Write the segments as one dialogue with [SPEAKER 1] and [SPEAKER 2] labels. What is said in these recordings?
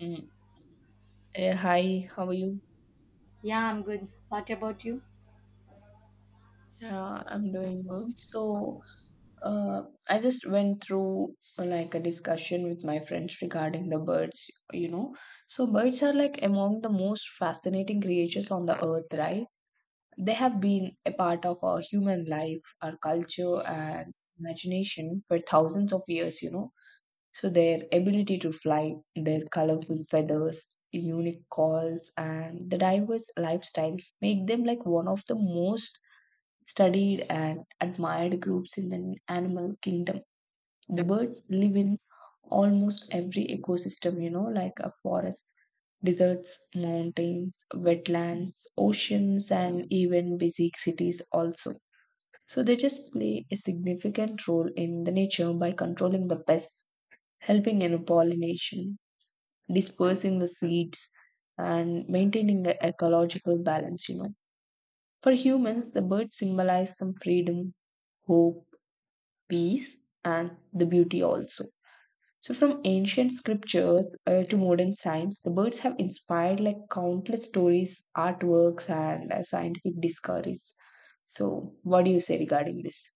[SPEAKER 1] Mm. Hi, how are you?
[SPEAKER 2] Yeah, I'm good. What about you?
[SPEAKER 1] Yeah, I'm doing good. Uh, I just went through like a discussion with my friends regarding the birds. So, birds are like among the most fascinating creatures on the earth, right? They have been a part of our human life, our culture, and imagination for thousands of years. So their ability to fly, their colorful feathers, unique calls, and the diverse lifestyles make them like one of the most studied and admired groups in the animal kingdom. The birds live in almost every ecosystem, like a forest, deserts, mountains, wetlands, oceans, and even busy cities also. So they just play a significant role in the nature by controlling the pests helping in pollination, dispersing the seeds, and maintaining the ecological balance. For humans, the birds symbolize some freedom, hope, peace, and the beauty also. So, from ancient scriptures to modern science, the birds have inspired like countless stories, artworks, and scientific discoveries. So, what do you say regarding this?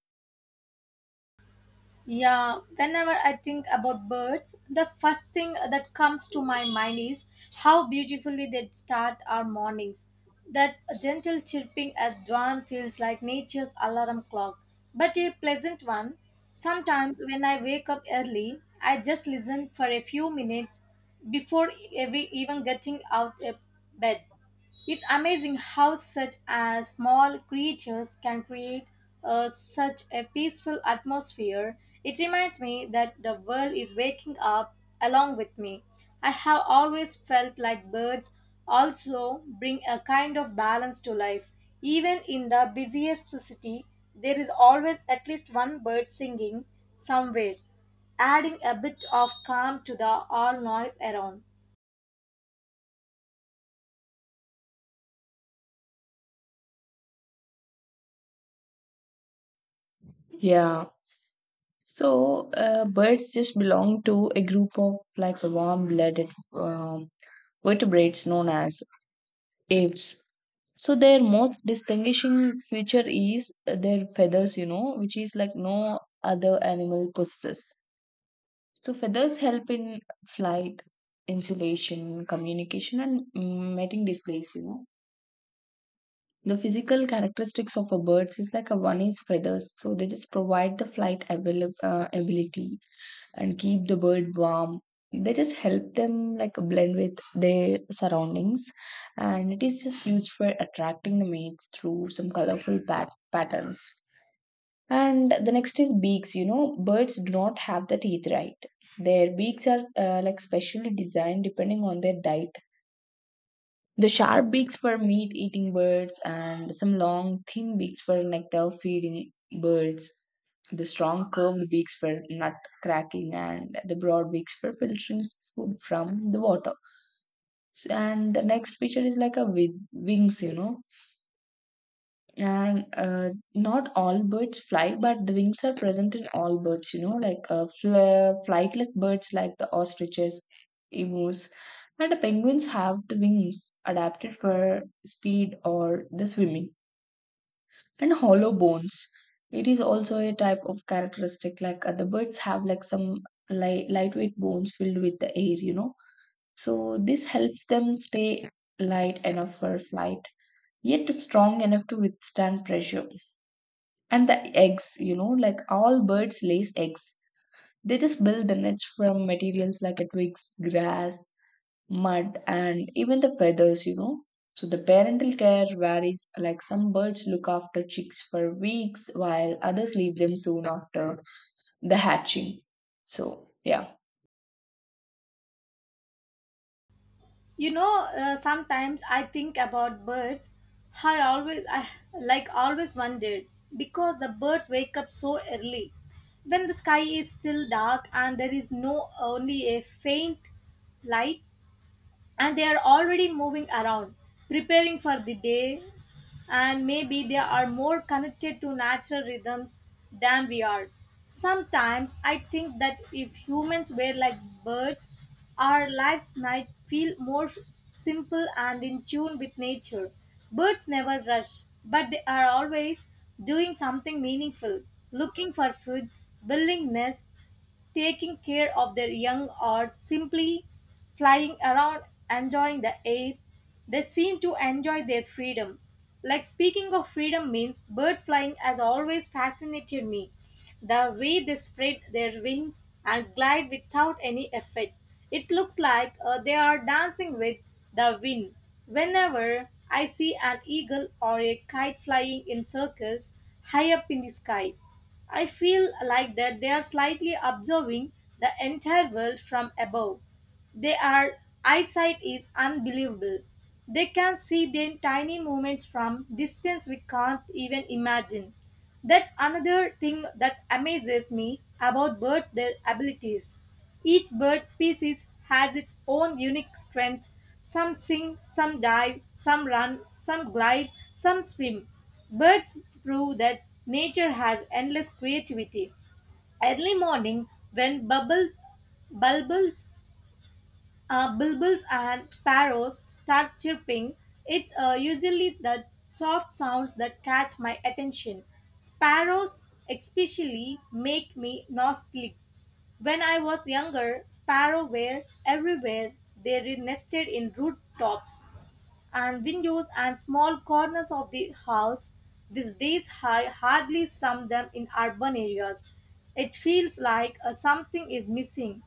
[SPEAKER 2] Yeah, whenever I think about birds, the first thing that comes to my mind is how beautifully they start our mornings. That gentle chirping at dawn feels like nature's alarm clock, but a pleasant one. Sometimes when I wake up early, I just listen for a few minutes before even getting out of bed. It's amazing how such as small creatures can create such a peaceful atmosphere. It reminds me that the world is waking up along with me. I have always felt like birds also bring a kind of balance to life. Even in the busiest city, there is always at least one bird singing somewhere, adding a bit of calm to the all noise around.
[SPEAKER 1] Yeah. So, birds just belong to a group of like warm blooded vertebrates known as apes. So, their most distinguishing feature is their feathers, which is like no other animal possesses. So, feathers help in flight, insulation, communication, and mating displays. The physical characteristics of a birds is like a one is feathers, so they just provide the ability and keep the bird warm, they just help them like blend with their surroundings, and it is just used for attracting the mates through some colorful patterns. And the next is beaks, you know, birds do not have the teeth, right? Their beaks are like specially designed depending on their diet, the sharp beaks for meat eating birds, and some long, thin beaks for nectar feeding birds. The strong, curved beaks for nut cracking, and the broad beaks for filtering food from the water. And the next picture is like a wings, you know, and not all birds fly, but the wings are present in all birds, you know, like flightless birds like the ostriches, emus, and the penguins have the wings adapted for speed or the swimming. And hollow bones, it is also a type of characteristic, like other birds have like some light, lightweight bones filled with the air, you know. So this helps them stay light enough for flight yet strong enough to withstand pressure. And the eggs, you know, like all birds lays eggs. They just build the nest from materials like a twigs, grass, mud, and even the feathers, you know. So the parental care varies, like some birds look after chicks for weeks while others leave them soon after the hatching. So yeah.
[SPEAKER 2] Sometimes I think about birds. I always wondered because the birds wake up so early when the sky is still dark and there is no only a faint light, and they are already moving around preparing for the day. And maybe they are more connected to natural rhythms than we are. Sometimes I think that if humans were like birds, our lives might feel more simple and in tune with nature. Birds never rush, but they are always doing something meaningful, looking for food, building nests, taking care of their young, or simply flying around enjoying the air. They seem to enjoy their freedom. Like speaking of freedom means birds flying has always fascinated me. The way they spread their wings and glide without any effort. It looks like they are dancing with the wind. Whenever I see an eagle or a kite flying in circles high up in the sky, I feel like that they are slightly observing the entire world from above. Their eyesight is unbelievable. They can see their tiny movements from distance we can't even imagine. That's another thing that amazes me about birds their abilities. Each bird species has its own unique strengths. Some sing, some dive, some run, some glide, some swim. Birds prove that nature has endless creativity. Early morning, when bulbuls, bulbuls and sparrows start chirping, it's usually the soft sounds that catch my attention. Sparrows especially make me nostalgic. When I was younger, sparrows were everywhere. Nested in rooftops and windows and small corners of the house, these days I hardly sum them in urban areas. It feels like something is missing.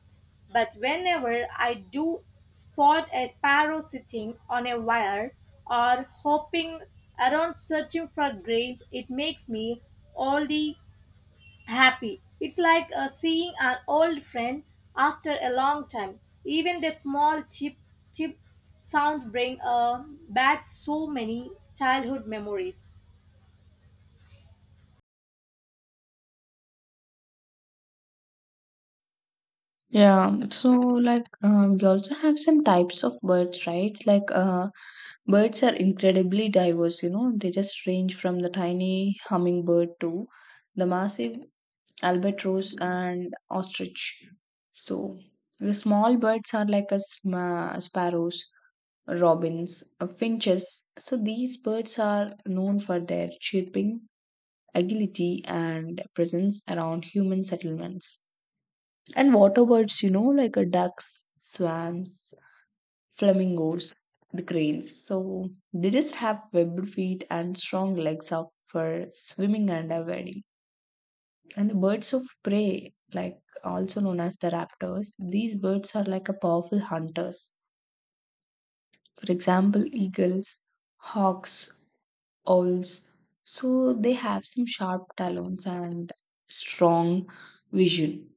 [SPEAKER 2] But whenever I do spot a sparrow sitting on a wire or hopping around searching for grains, it makes me only happy. It's like seeing an old friend after a long time. Even the small chip sounds bring back so many childhood memories.
[SPEAKER 1] Yeah, so like we also have some types of birds, right? Birds are incredibly diverse, you know, they just range from the tiny hummingbird to the massive albatross and ostrich. So, the small birds are like a sparrows, robins, finches. So, these birds are known for their chirping, agility, and presence around human settlements. And water birds, you know, like ducks, swans, flamingos, the cranes. So they just have webbed feet and strong legs up for swimming and avoiding. And the birds of prey, like also known as the raptors, these birds are like a powerful hunters. For example, eagles, hawks, owls. So they have some sharp talons and strong vision.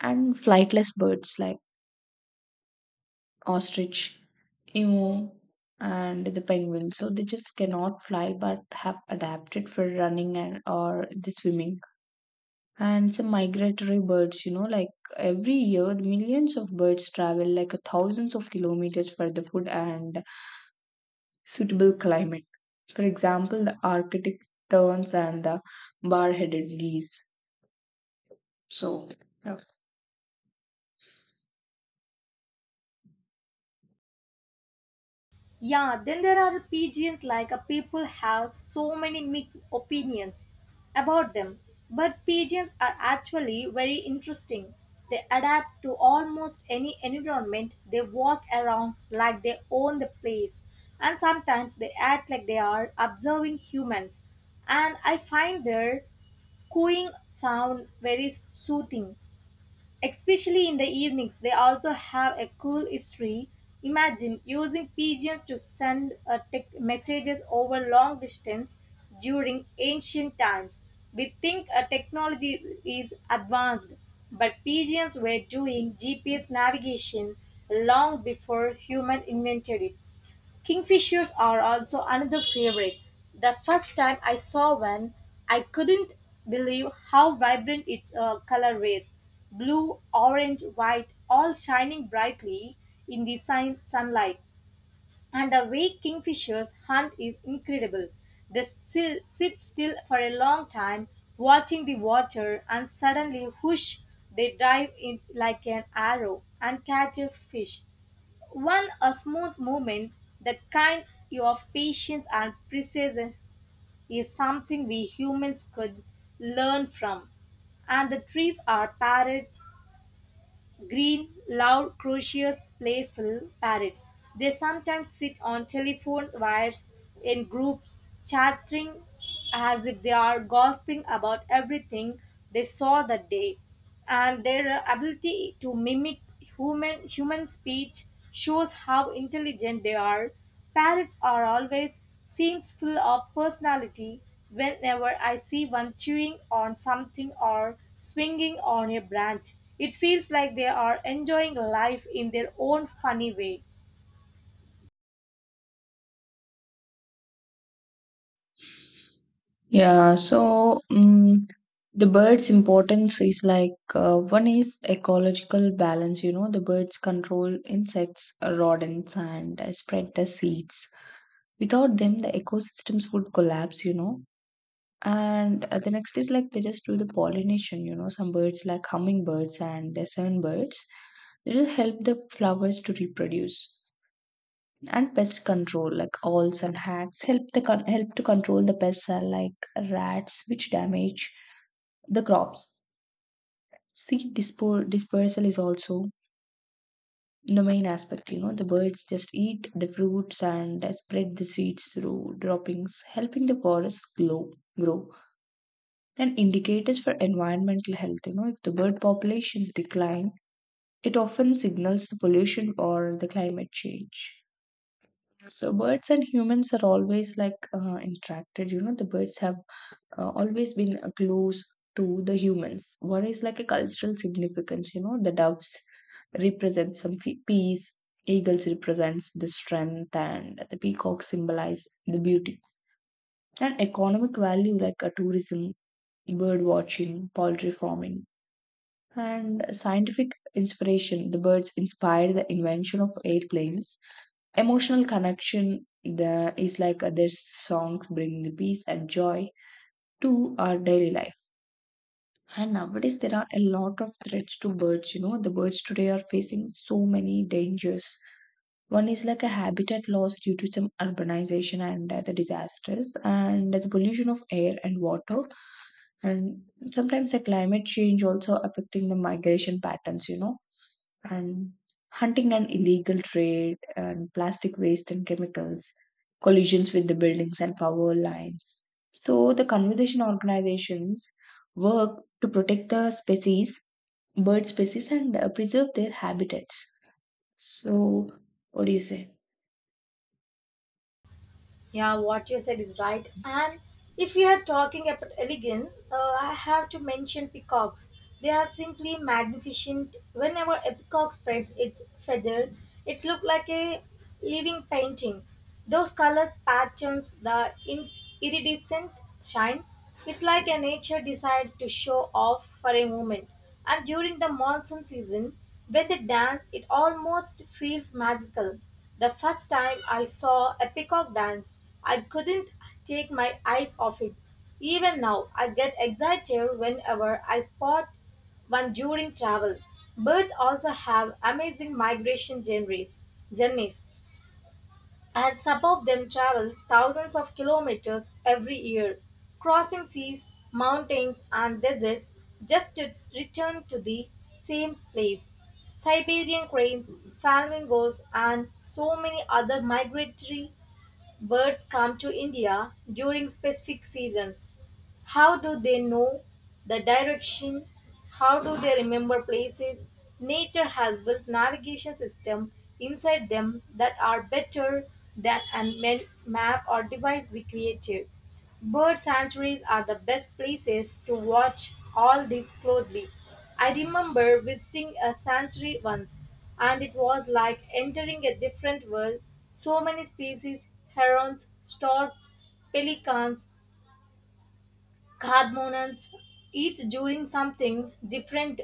[SPEAKER 1] And flightless birds like ostrich, emu, and the penguin, so they just cannot fly but have adapted for running and or the swimming. And some migratory birds, you know, like every year millions of birds travel like a thousands of kilometers for the food and suitable climate. For example, the arctic terns and the bar-headed geese. So yeah.
[SPEAKER 2] Yeah, then there are pigeons, like people have so many mixed opinions about them. But pigeons are actually very interesting. They adapt to almost any environment. They walk around like they own the place. And sometimes they act like they are observing humans. And I find their cooing sound very soothing. Especially in the evenings, they also have a cool history. Imagine using pigeons to send tech messages over long distance during ancient times. We think technology is advanced, but pigeons were doing GPS navigation long before human invented it. Kingfishers are also another favorite. The first time I saw one, I couldn't believe how vibrant its color were. Blue, orange, white, all shining brightly in the sunlight. And the way kingfishers hunt is incredible. They still sit still for a long time, watching the water, and suddenly, whoosh, they dive in like an arrow and catch a fish. One, a smooth movement, that kind of patience and precision, is something we humans could learn from. And the trees are parrots. Green, loud, curious, playful parrots. They sometimes sit on telephone wires in groups, chattering as if they are gossiping about everything they saw that day. And their ability to mimic human speech shows how intelligent they are. Parrots are always seems full of personality whenever I see one chewing on something or swinging on a branch. It feels like they are enjoying life in their own funny way.
[SPEAKER 1] Yeah, so the bird's importance is like one is ecological balance, you know, the birds control insects, rodents, and spread the seeds. Without them, the ecosystems would collapse, you know. And the next is like they just do the pollination, you know, some birds like hummingbirds and the sunbirds, they just help the flowers to reproduce. And pest control, like owls and hacks, help to control the pests like rats, which damage the crops. Seed dispersal is also the main aspect. You know, the birds just eat the fruits and spread the seeds through droppings, helping the forests grow. Grow and indicators for environmental health. You know, if the bird populations decline, it often signals the pollution or the climate change. So birds and humans are always like interacted. You know, the birds have always been close to the humans. One is like a cultural significance, you know, the doves represent some peace, eagles represents the strength, and the peacock symbolize the beauty. And economic value like a tourism, bird watching, poultry farming, and scientific inspiration. The birds inspired the invention of airplanes. Emotional connection the, is like their songs bring the peace and joy to our daily life. And nowadays, there are a lot of threats to birds. You know, the birds today are facing so many dangers. One is like a habitat loss due to some urbanization and the disasters and the pollution of air and water, and sometimes the climate change also affecting the migration patterns, you know. And hunting and illegal trade and plastic waste and chemicals, collisions with the buildings and power lines. So the conservation organizations work to protect the species, bird species, and preserve their habitats. So what do you say?
[SPEAKER 2] Yeah, what you said is right. And if we are talking about elegance, I have to mention peacocks. They are simply magnificent. Whenever a peacock spreads its feather, it's look like a living painting. Those colors, patterns, the iridescent shine. It's like a nature decided to show off for a moment. And during the monsoon season, when they dance, it almost feels magical. The first time I saw a peacock dance, I couldn't take my eyes off it. Even now, I get excited whenever I spot one during travel. Birds also have amazing migration journeys. Journeys. And some of them travel thousands of kilometers every year, crossing seas, mountains, and deserts just to return to the same place. Siberian cranes, flamingos, and so many other migratory birds come to India during specific seasons. How do they know the direction? How do they remember places? Nature has built navigation systems inside them that are better than a map or device we created. Bird sanctuaries are the best places to watch all this closely. I remember visiting a sanctuary once, and it was like entering a different world. So many species: herons, storks, pelicans, Cardmonans, each doing something different,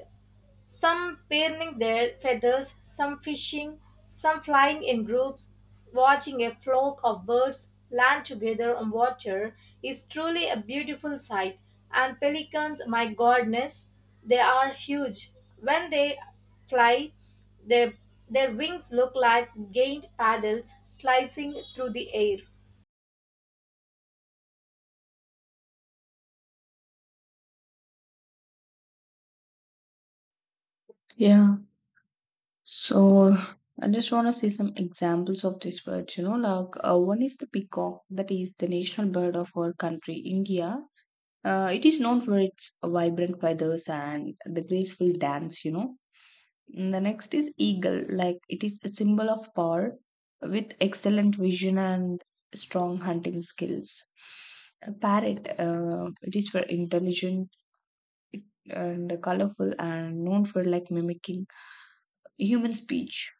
[SPEAKER 2] some paring their feathers, some fishing, some flying in groups, watching a flock of birds land together on water is truly a beautiful sight. And pelicans, my goodness, they are huge. When they fly, their, their wings look like giant paddles slicing through the air.
[SPEAKER 1] Yeah. So I just want to see some examples of these birds. You know, like one is the peacock, that is the national bird of our country, India. It is known for its vibrant feathers and the graceful dance. You know, and the next is eagle, like it is a symbol of power with excellent vision and strong hunting skills. A parrot, it is for intelligent and colorful and known for like mimicking human speech.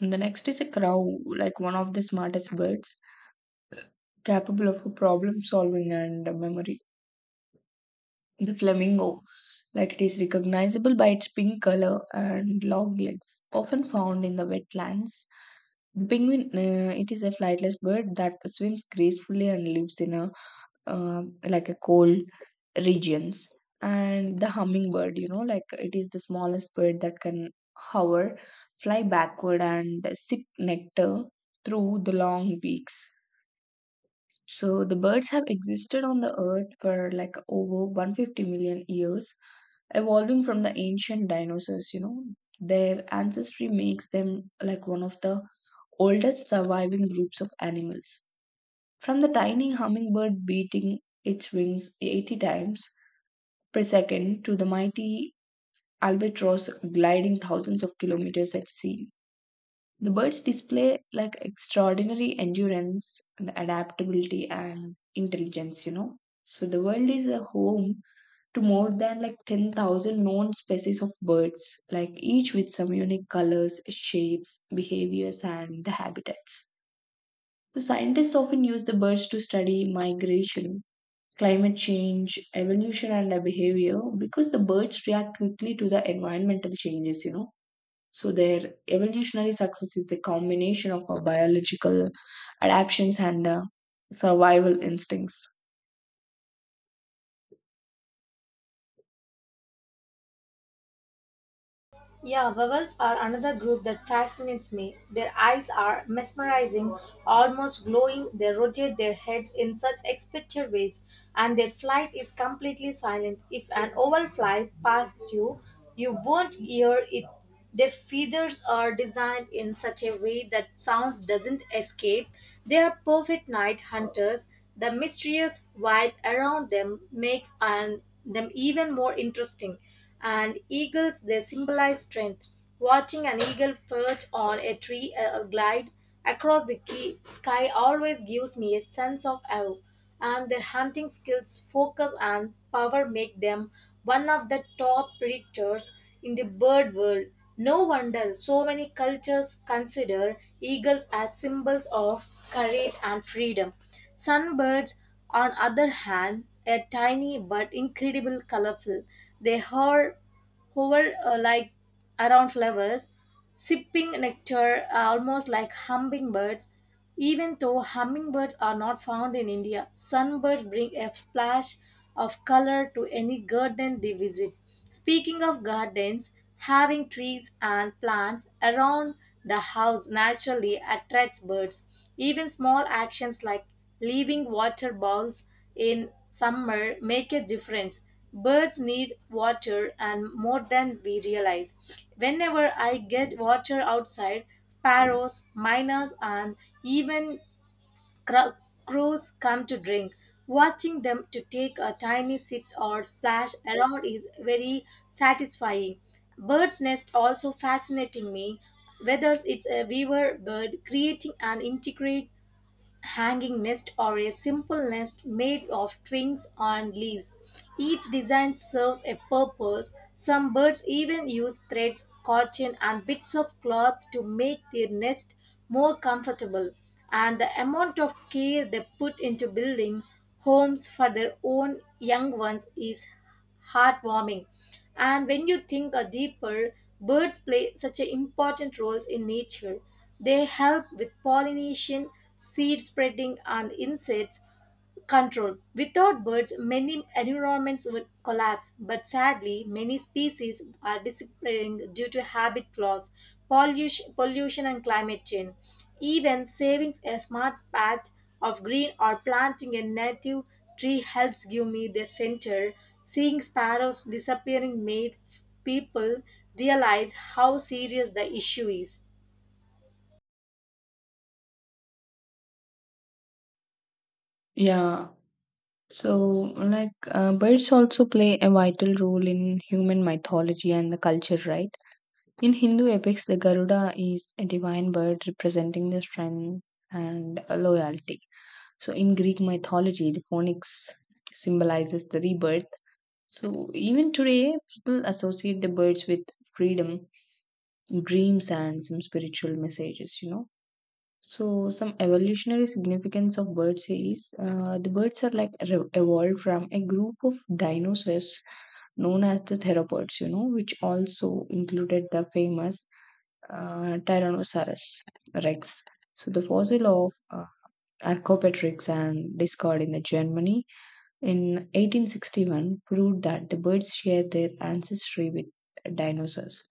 [SPEAKER 1] And the next is a crow, like one of the smartest birds, capable of problem solving and memory. The flamingo, like it is recognizable by its pink color and long legs, often found in the wetlands. The penguin, it is a flightless bird that swims gracefully and lives in a like a cold regions. And the hummingbird, you know, like it is the smallest bird that can hover, fly backward, and sip nectar through the long beaks. So the birds have existed on the earth for like over 150 million years, evolving from the ancient dinosaurs, you know. Their ancestry makes them like one of the oldest surviving groups of animals, from the tiny hummingbird beating its wings 80 times per second to the mighty albatross gliding thousands of kilometers at sea. The birds display like extraordinary endurance, the adaptability, and intelligence, you know. So the world is a home to more than like 10,000 known species of birds, like each with some unique colors, shapes, behaviors, and the habitats. The scientists often use the birds to study migration, climate change, evolution, and their behavior because the birds react quickly to the environmental changes, you know. So, their evolutionary success is a combination of our biological adaptations and survival instincts.
[SPEAKER 2] Yeah, vowels are another group that fascinates me. Their eyes are mesmerizing, almost glowing. They rotate their heads in such expected ways, and their flight is completely silent. If an owl flies past you, you won't hear it. Their feathers are designed in such a way that sounds doesn't escape. They are perfect night hunters. The mysterious vibe around them makes them even more interesting. And eagles, they symbolize strength. Watching an eagle perch on a tree or glide across the sky always gives me a sense of awe, and their hunting skills, focus, and power make them one of the top predators in the bird world. No wonder so many cultures consider eagles as symbols of courage and freedom. Sunbirds, on other hand, are tiny but incredibly colorful. They are hover like around flowers, sipping nectar almost like hummingbirds. Even though hummingbirds are not found in India, sunbirds bring a splash of color to any garden they visit. Speaking of gardens, having trees and plants around the house naturally attracts birds. Even small actions like leaving water bowls in summer make a difference. Birds need water and more than we realize. Whenever I get water outside, sparrows, miners, and even cro- crows come to drink. Watching them to take a tiny sip or splash around is very satisfying. Bird's nest also fascinating me. Whether it's a weaver bird creating an integrate hanging nest or a simple nest made of twigs and leaves. Each design serves a purpose. Some birds even use threads, cotton, and bits of cloth to make their nest more comfortable. And the amount of care they put into building homes for their own young ones is heartwarming. And when you think a deeper, birds play such an important roles in nature. They help with pollination, seed spreading, and insects control. Without birds, many environments would collapse, but sadly, many species are disappearing due to habit loss, pollution and climate change. Even saving a smart patch of green or planting a native tree helps give me the center. Seeing sparrows disappearing made people realize how serious the issue is.
[SPEAKER 1] Yeah. So, like, birds also play a vital role in human mythology and the culture, right? In Hindu epics, the Garuda is a divine bird representing the strength and loyalty. So, in Greek mythology, the phoenix symbolizes the rebirth. So, even today, people associate the birds with freedom, dreams, and some spiritual messages, you know. So, some evolutionary significance of birds is the birds are like evolved from a group of dinosaurs known as the theropods, you know, which also included the famous Tyrannosaurus rex. So, the fossil of Archaeopteryx and discovered in the Germany in 1861 proved that the birds shared their ancestry with dinosaurs.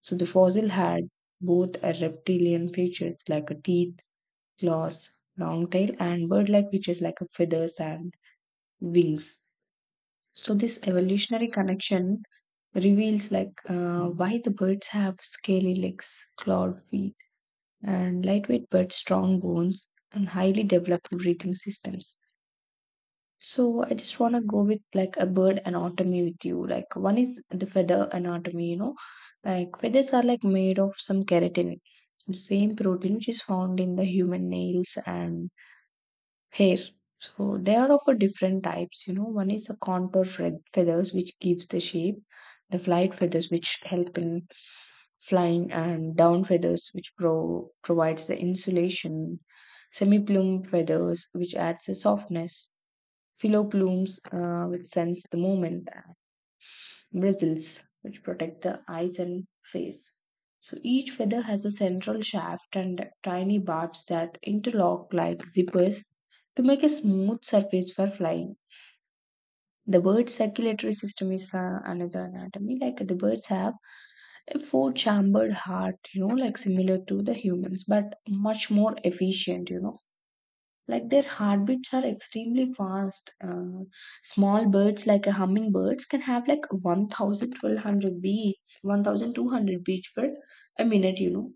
[SPEAKER 1] So the fossil had both a reptilian features like a teeth, claws, long tail, and bird-like features like a feathers and wings. So this evolutionary connection reveals like why the birds have scaly legs, clawed feet, and lightweight but strong bones and highly developed breathing systems. So I just want to go with like a bird anatomy with you. Like one is the feather anatomy, you know. Like feathers are like made of some keratin, the same protein which is found in the human nails and hair. So they are of a different types, you know. One is a contour feathers which gives the shape, the flight feathers which help in flying, and down feathers which provides the insulation, semi-plume feathers which adds the softness, Philo blooms which sense the moment, and bristles which protect the eyes and face. So each feather has a central shaft and tiny barbs that interlock like zippers to make a smooth surface for flying. The bird's circulatory system is another anatomy. Like the birds have a four chambered heart, you know, like similar to the humans, but much more efficient, you know, like their heartbeats are extremely fast, small birds like a hummingbirds can have like 1,000, 1,200 beats 1200 beats per a minute, you know.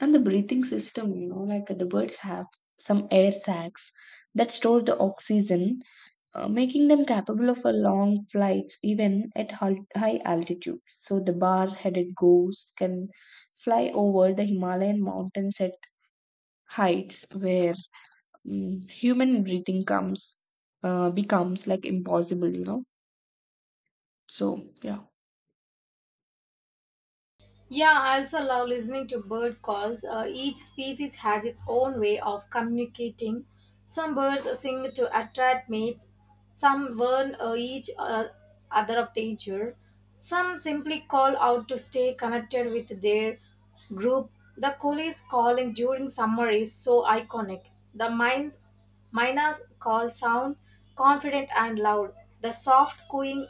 [SPEAKER 1] And the breathing system, you know, like the birds have some air sacs that store the oxygen, making them capable of a long flights even at high altitude. So the bar headed ghosts can fly over the himalayan mountains at heights where human breathing comes, becomes like impossible, you know. So yeah.
[SPEAKER 2] Yeah, I also love listening to bird calls. Each species has its own way of communicating. Some birds sing to attract mates, some warn each other of danger, some simply call out to stay connected with their group. The coolie's calling during summer is so iconic. The minds Myna's call sound confident and loud. The soft cooing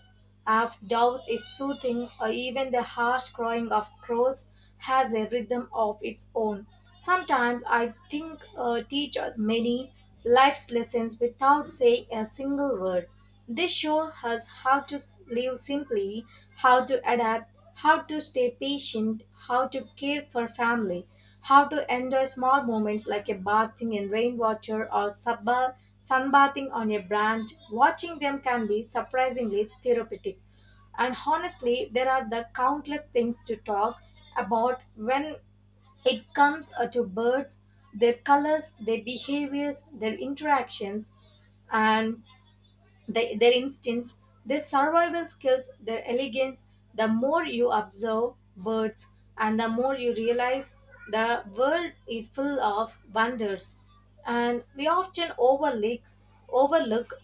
[SPEAKER 2] of doves is soothing, or even the harsh crowing of crows has a rhythm of its own. Sometimes I think teachers many life's lessons without saying a single word. They show us how to live simply, how to adapt, how to stay patient, how to care for family, how to enjoy small moments like a bathing in rainwater or sunbathing on a branch. Watching them can be surprisingly therapeutic. And honestly, there are the countless things to talk about when it comes to birds, their colors, their behaviors, their interactions, and their instincts, their survival skills, their elegance. The more you observe birds, and the more you realize the world is full of wonders. And we often overlook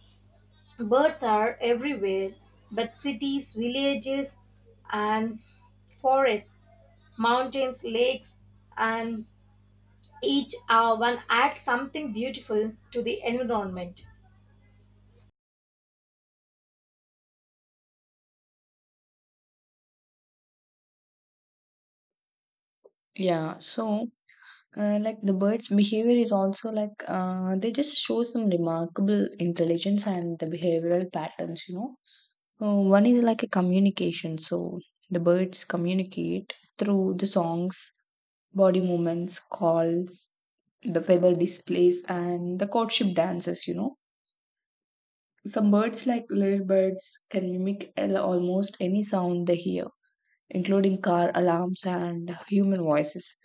[SPEAKER 2] birds are everywhere, but cities, villages, and forests, mountains, lakes, and each one adds something beautiful to the environment.
[SPEAKER 1] Yeah, so like the bird's behavior is also like, they just show some remarkable intelligence and the behavioral patterns, you know. One is like a communication. So the birds communicate through the songs, body movements, calls, the feather displays, and the courtship dances, you know. Some birds, like little, can mimic almost any sound they hear, including car alarms and human voices.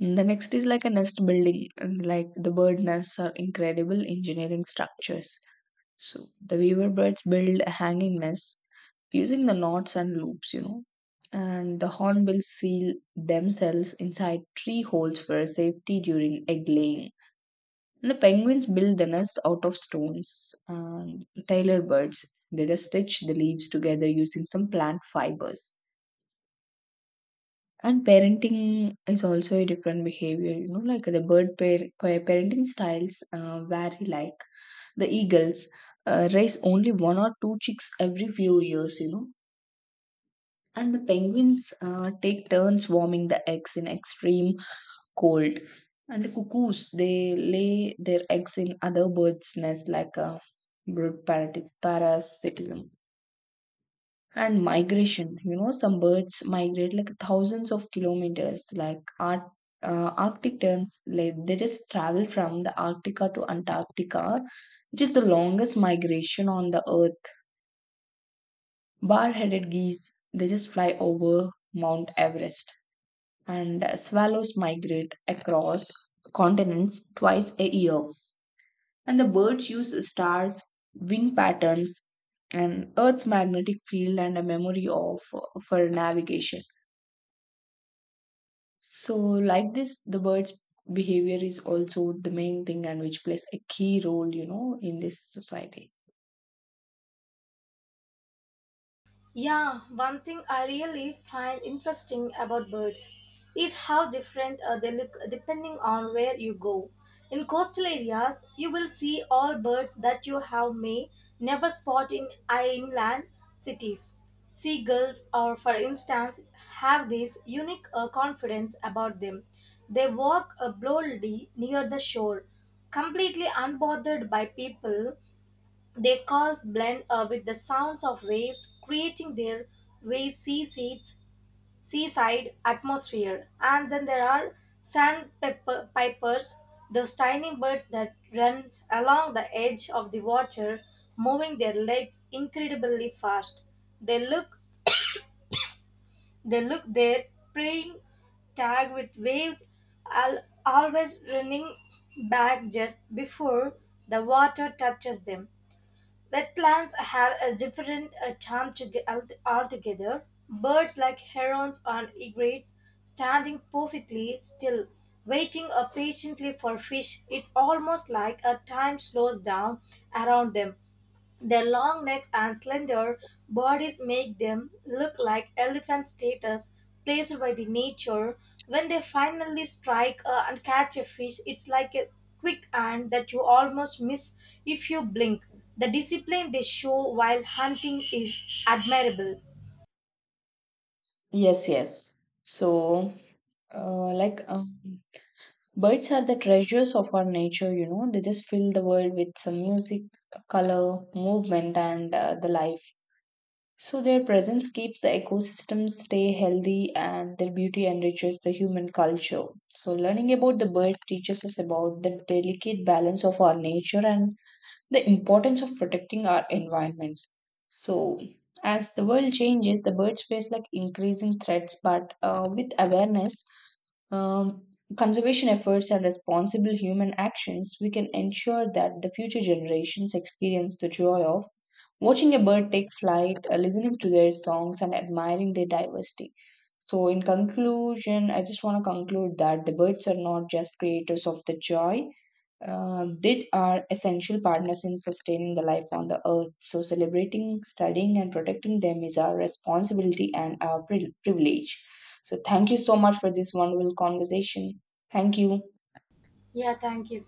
[SPEAKER 1] The next is like a nest building, and like the bird nests are incredible engineering structures. So the weaver birds build hanging nests using the knots and loops, you know. And the hornbills seal themselves inside tree holes for safety during egg laying. And the penguins build the nest out of stones, and tailor birds, they just stitch the leaves together using some plant fibers. And parenting is also a different behavior, you know. Like the parenting styles vary. Like the eagles raise only one or two chicks every few years, you know, and the penguins take turns warming the eggs in extreme cold. And the cuckoos, they lay their eggs in other birds' nests, like a parasitism. And migration, you know, some birds migrate like thousands of kilometers, like Arctic terns, like they just travel from the Arctica to Antarctica, which is the longest migration on the earth. Bar-headed geese, they just fly over Mount Everest. And swallows migrate across continents twice a year. And the birds use stars, wing patterns, and Earth's magnetic field and a memory of for navigation. So, like this, the bird's behavior is also the main thing and which plays a key role, you know, in this society.
[SPEAKER 2] Yeah, one thing I really find interesting about birds is how different they look depending on where you go. In coastal areas, you will see all birds that you have may never spot in inland cities. Seagulls, or for instance, have this unique confidence about them. They walk boldly near the shore, completely unbothered by people. Their calls blend with the sounds of waves, creating their way seaside atmosphere. And then there are sandpipers, those tiny birds that run along the edge of the water, moving their legs incredibly fast. They look, they look their preying tag with waves, always running back just before the water touches them. Wetlands have a different charm to altogether. Birds like herons and egrets standing perfectly still, waiting patiently for fish. It's almost like a time slows down around them. Their long necks and slender bodies make them look like elephant statues placed by the nature. When they finally strike and catch a fish, it's like a quick hand that you almost miss if you blink. The discipline they show while hunting is admirable.
[SPEAKER 1] Yes, yes. So, uh, like, um, birds are the treasures of our nature, you know. They just fill the world with some music, color, movement, and the life. So their presence keeps the ecosystem stay healthy, and their beauty enriches the human culture. So learning about the bird teaches us about the delicate balance of our nature and the importance of protecting our environment. So, as the world changes, the birds face like increasing threats, but with awareness, um, conservation efforts, and responsible human actions, we can ensure that the future generations experience the joy of watching a bird take flight, listening to their songs, and admiring their diversity. So, in conclusion, I just want to conclude that the birds are not just creators of the joy, they are essential partners in sustaining the life on the earth. So, celebrating, studying, and protecting them is our responsibility and our privilege. So, thank you so much for this wonderful conversation. Thank you.
[SPEAKER 2] Yeah, thank you.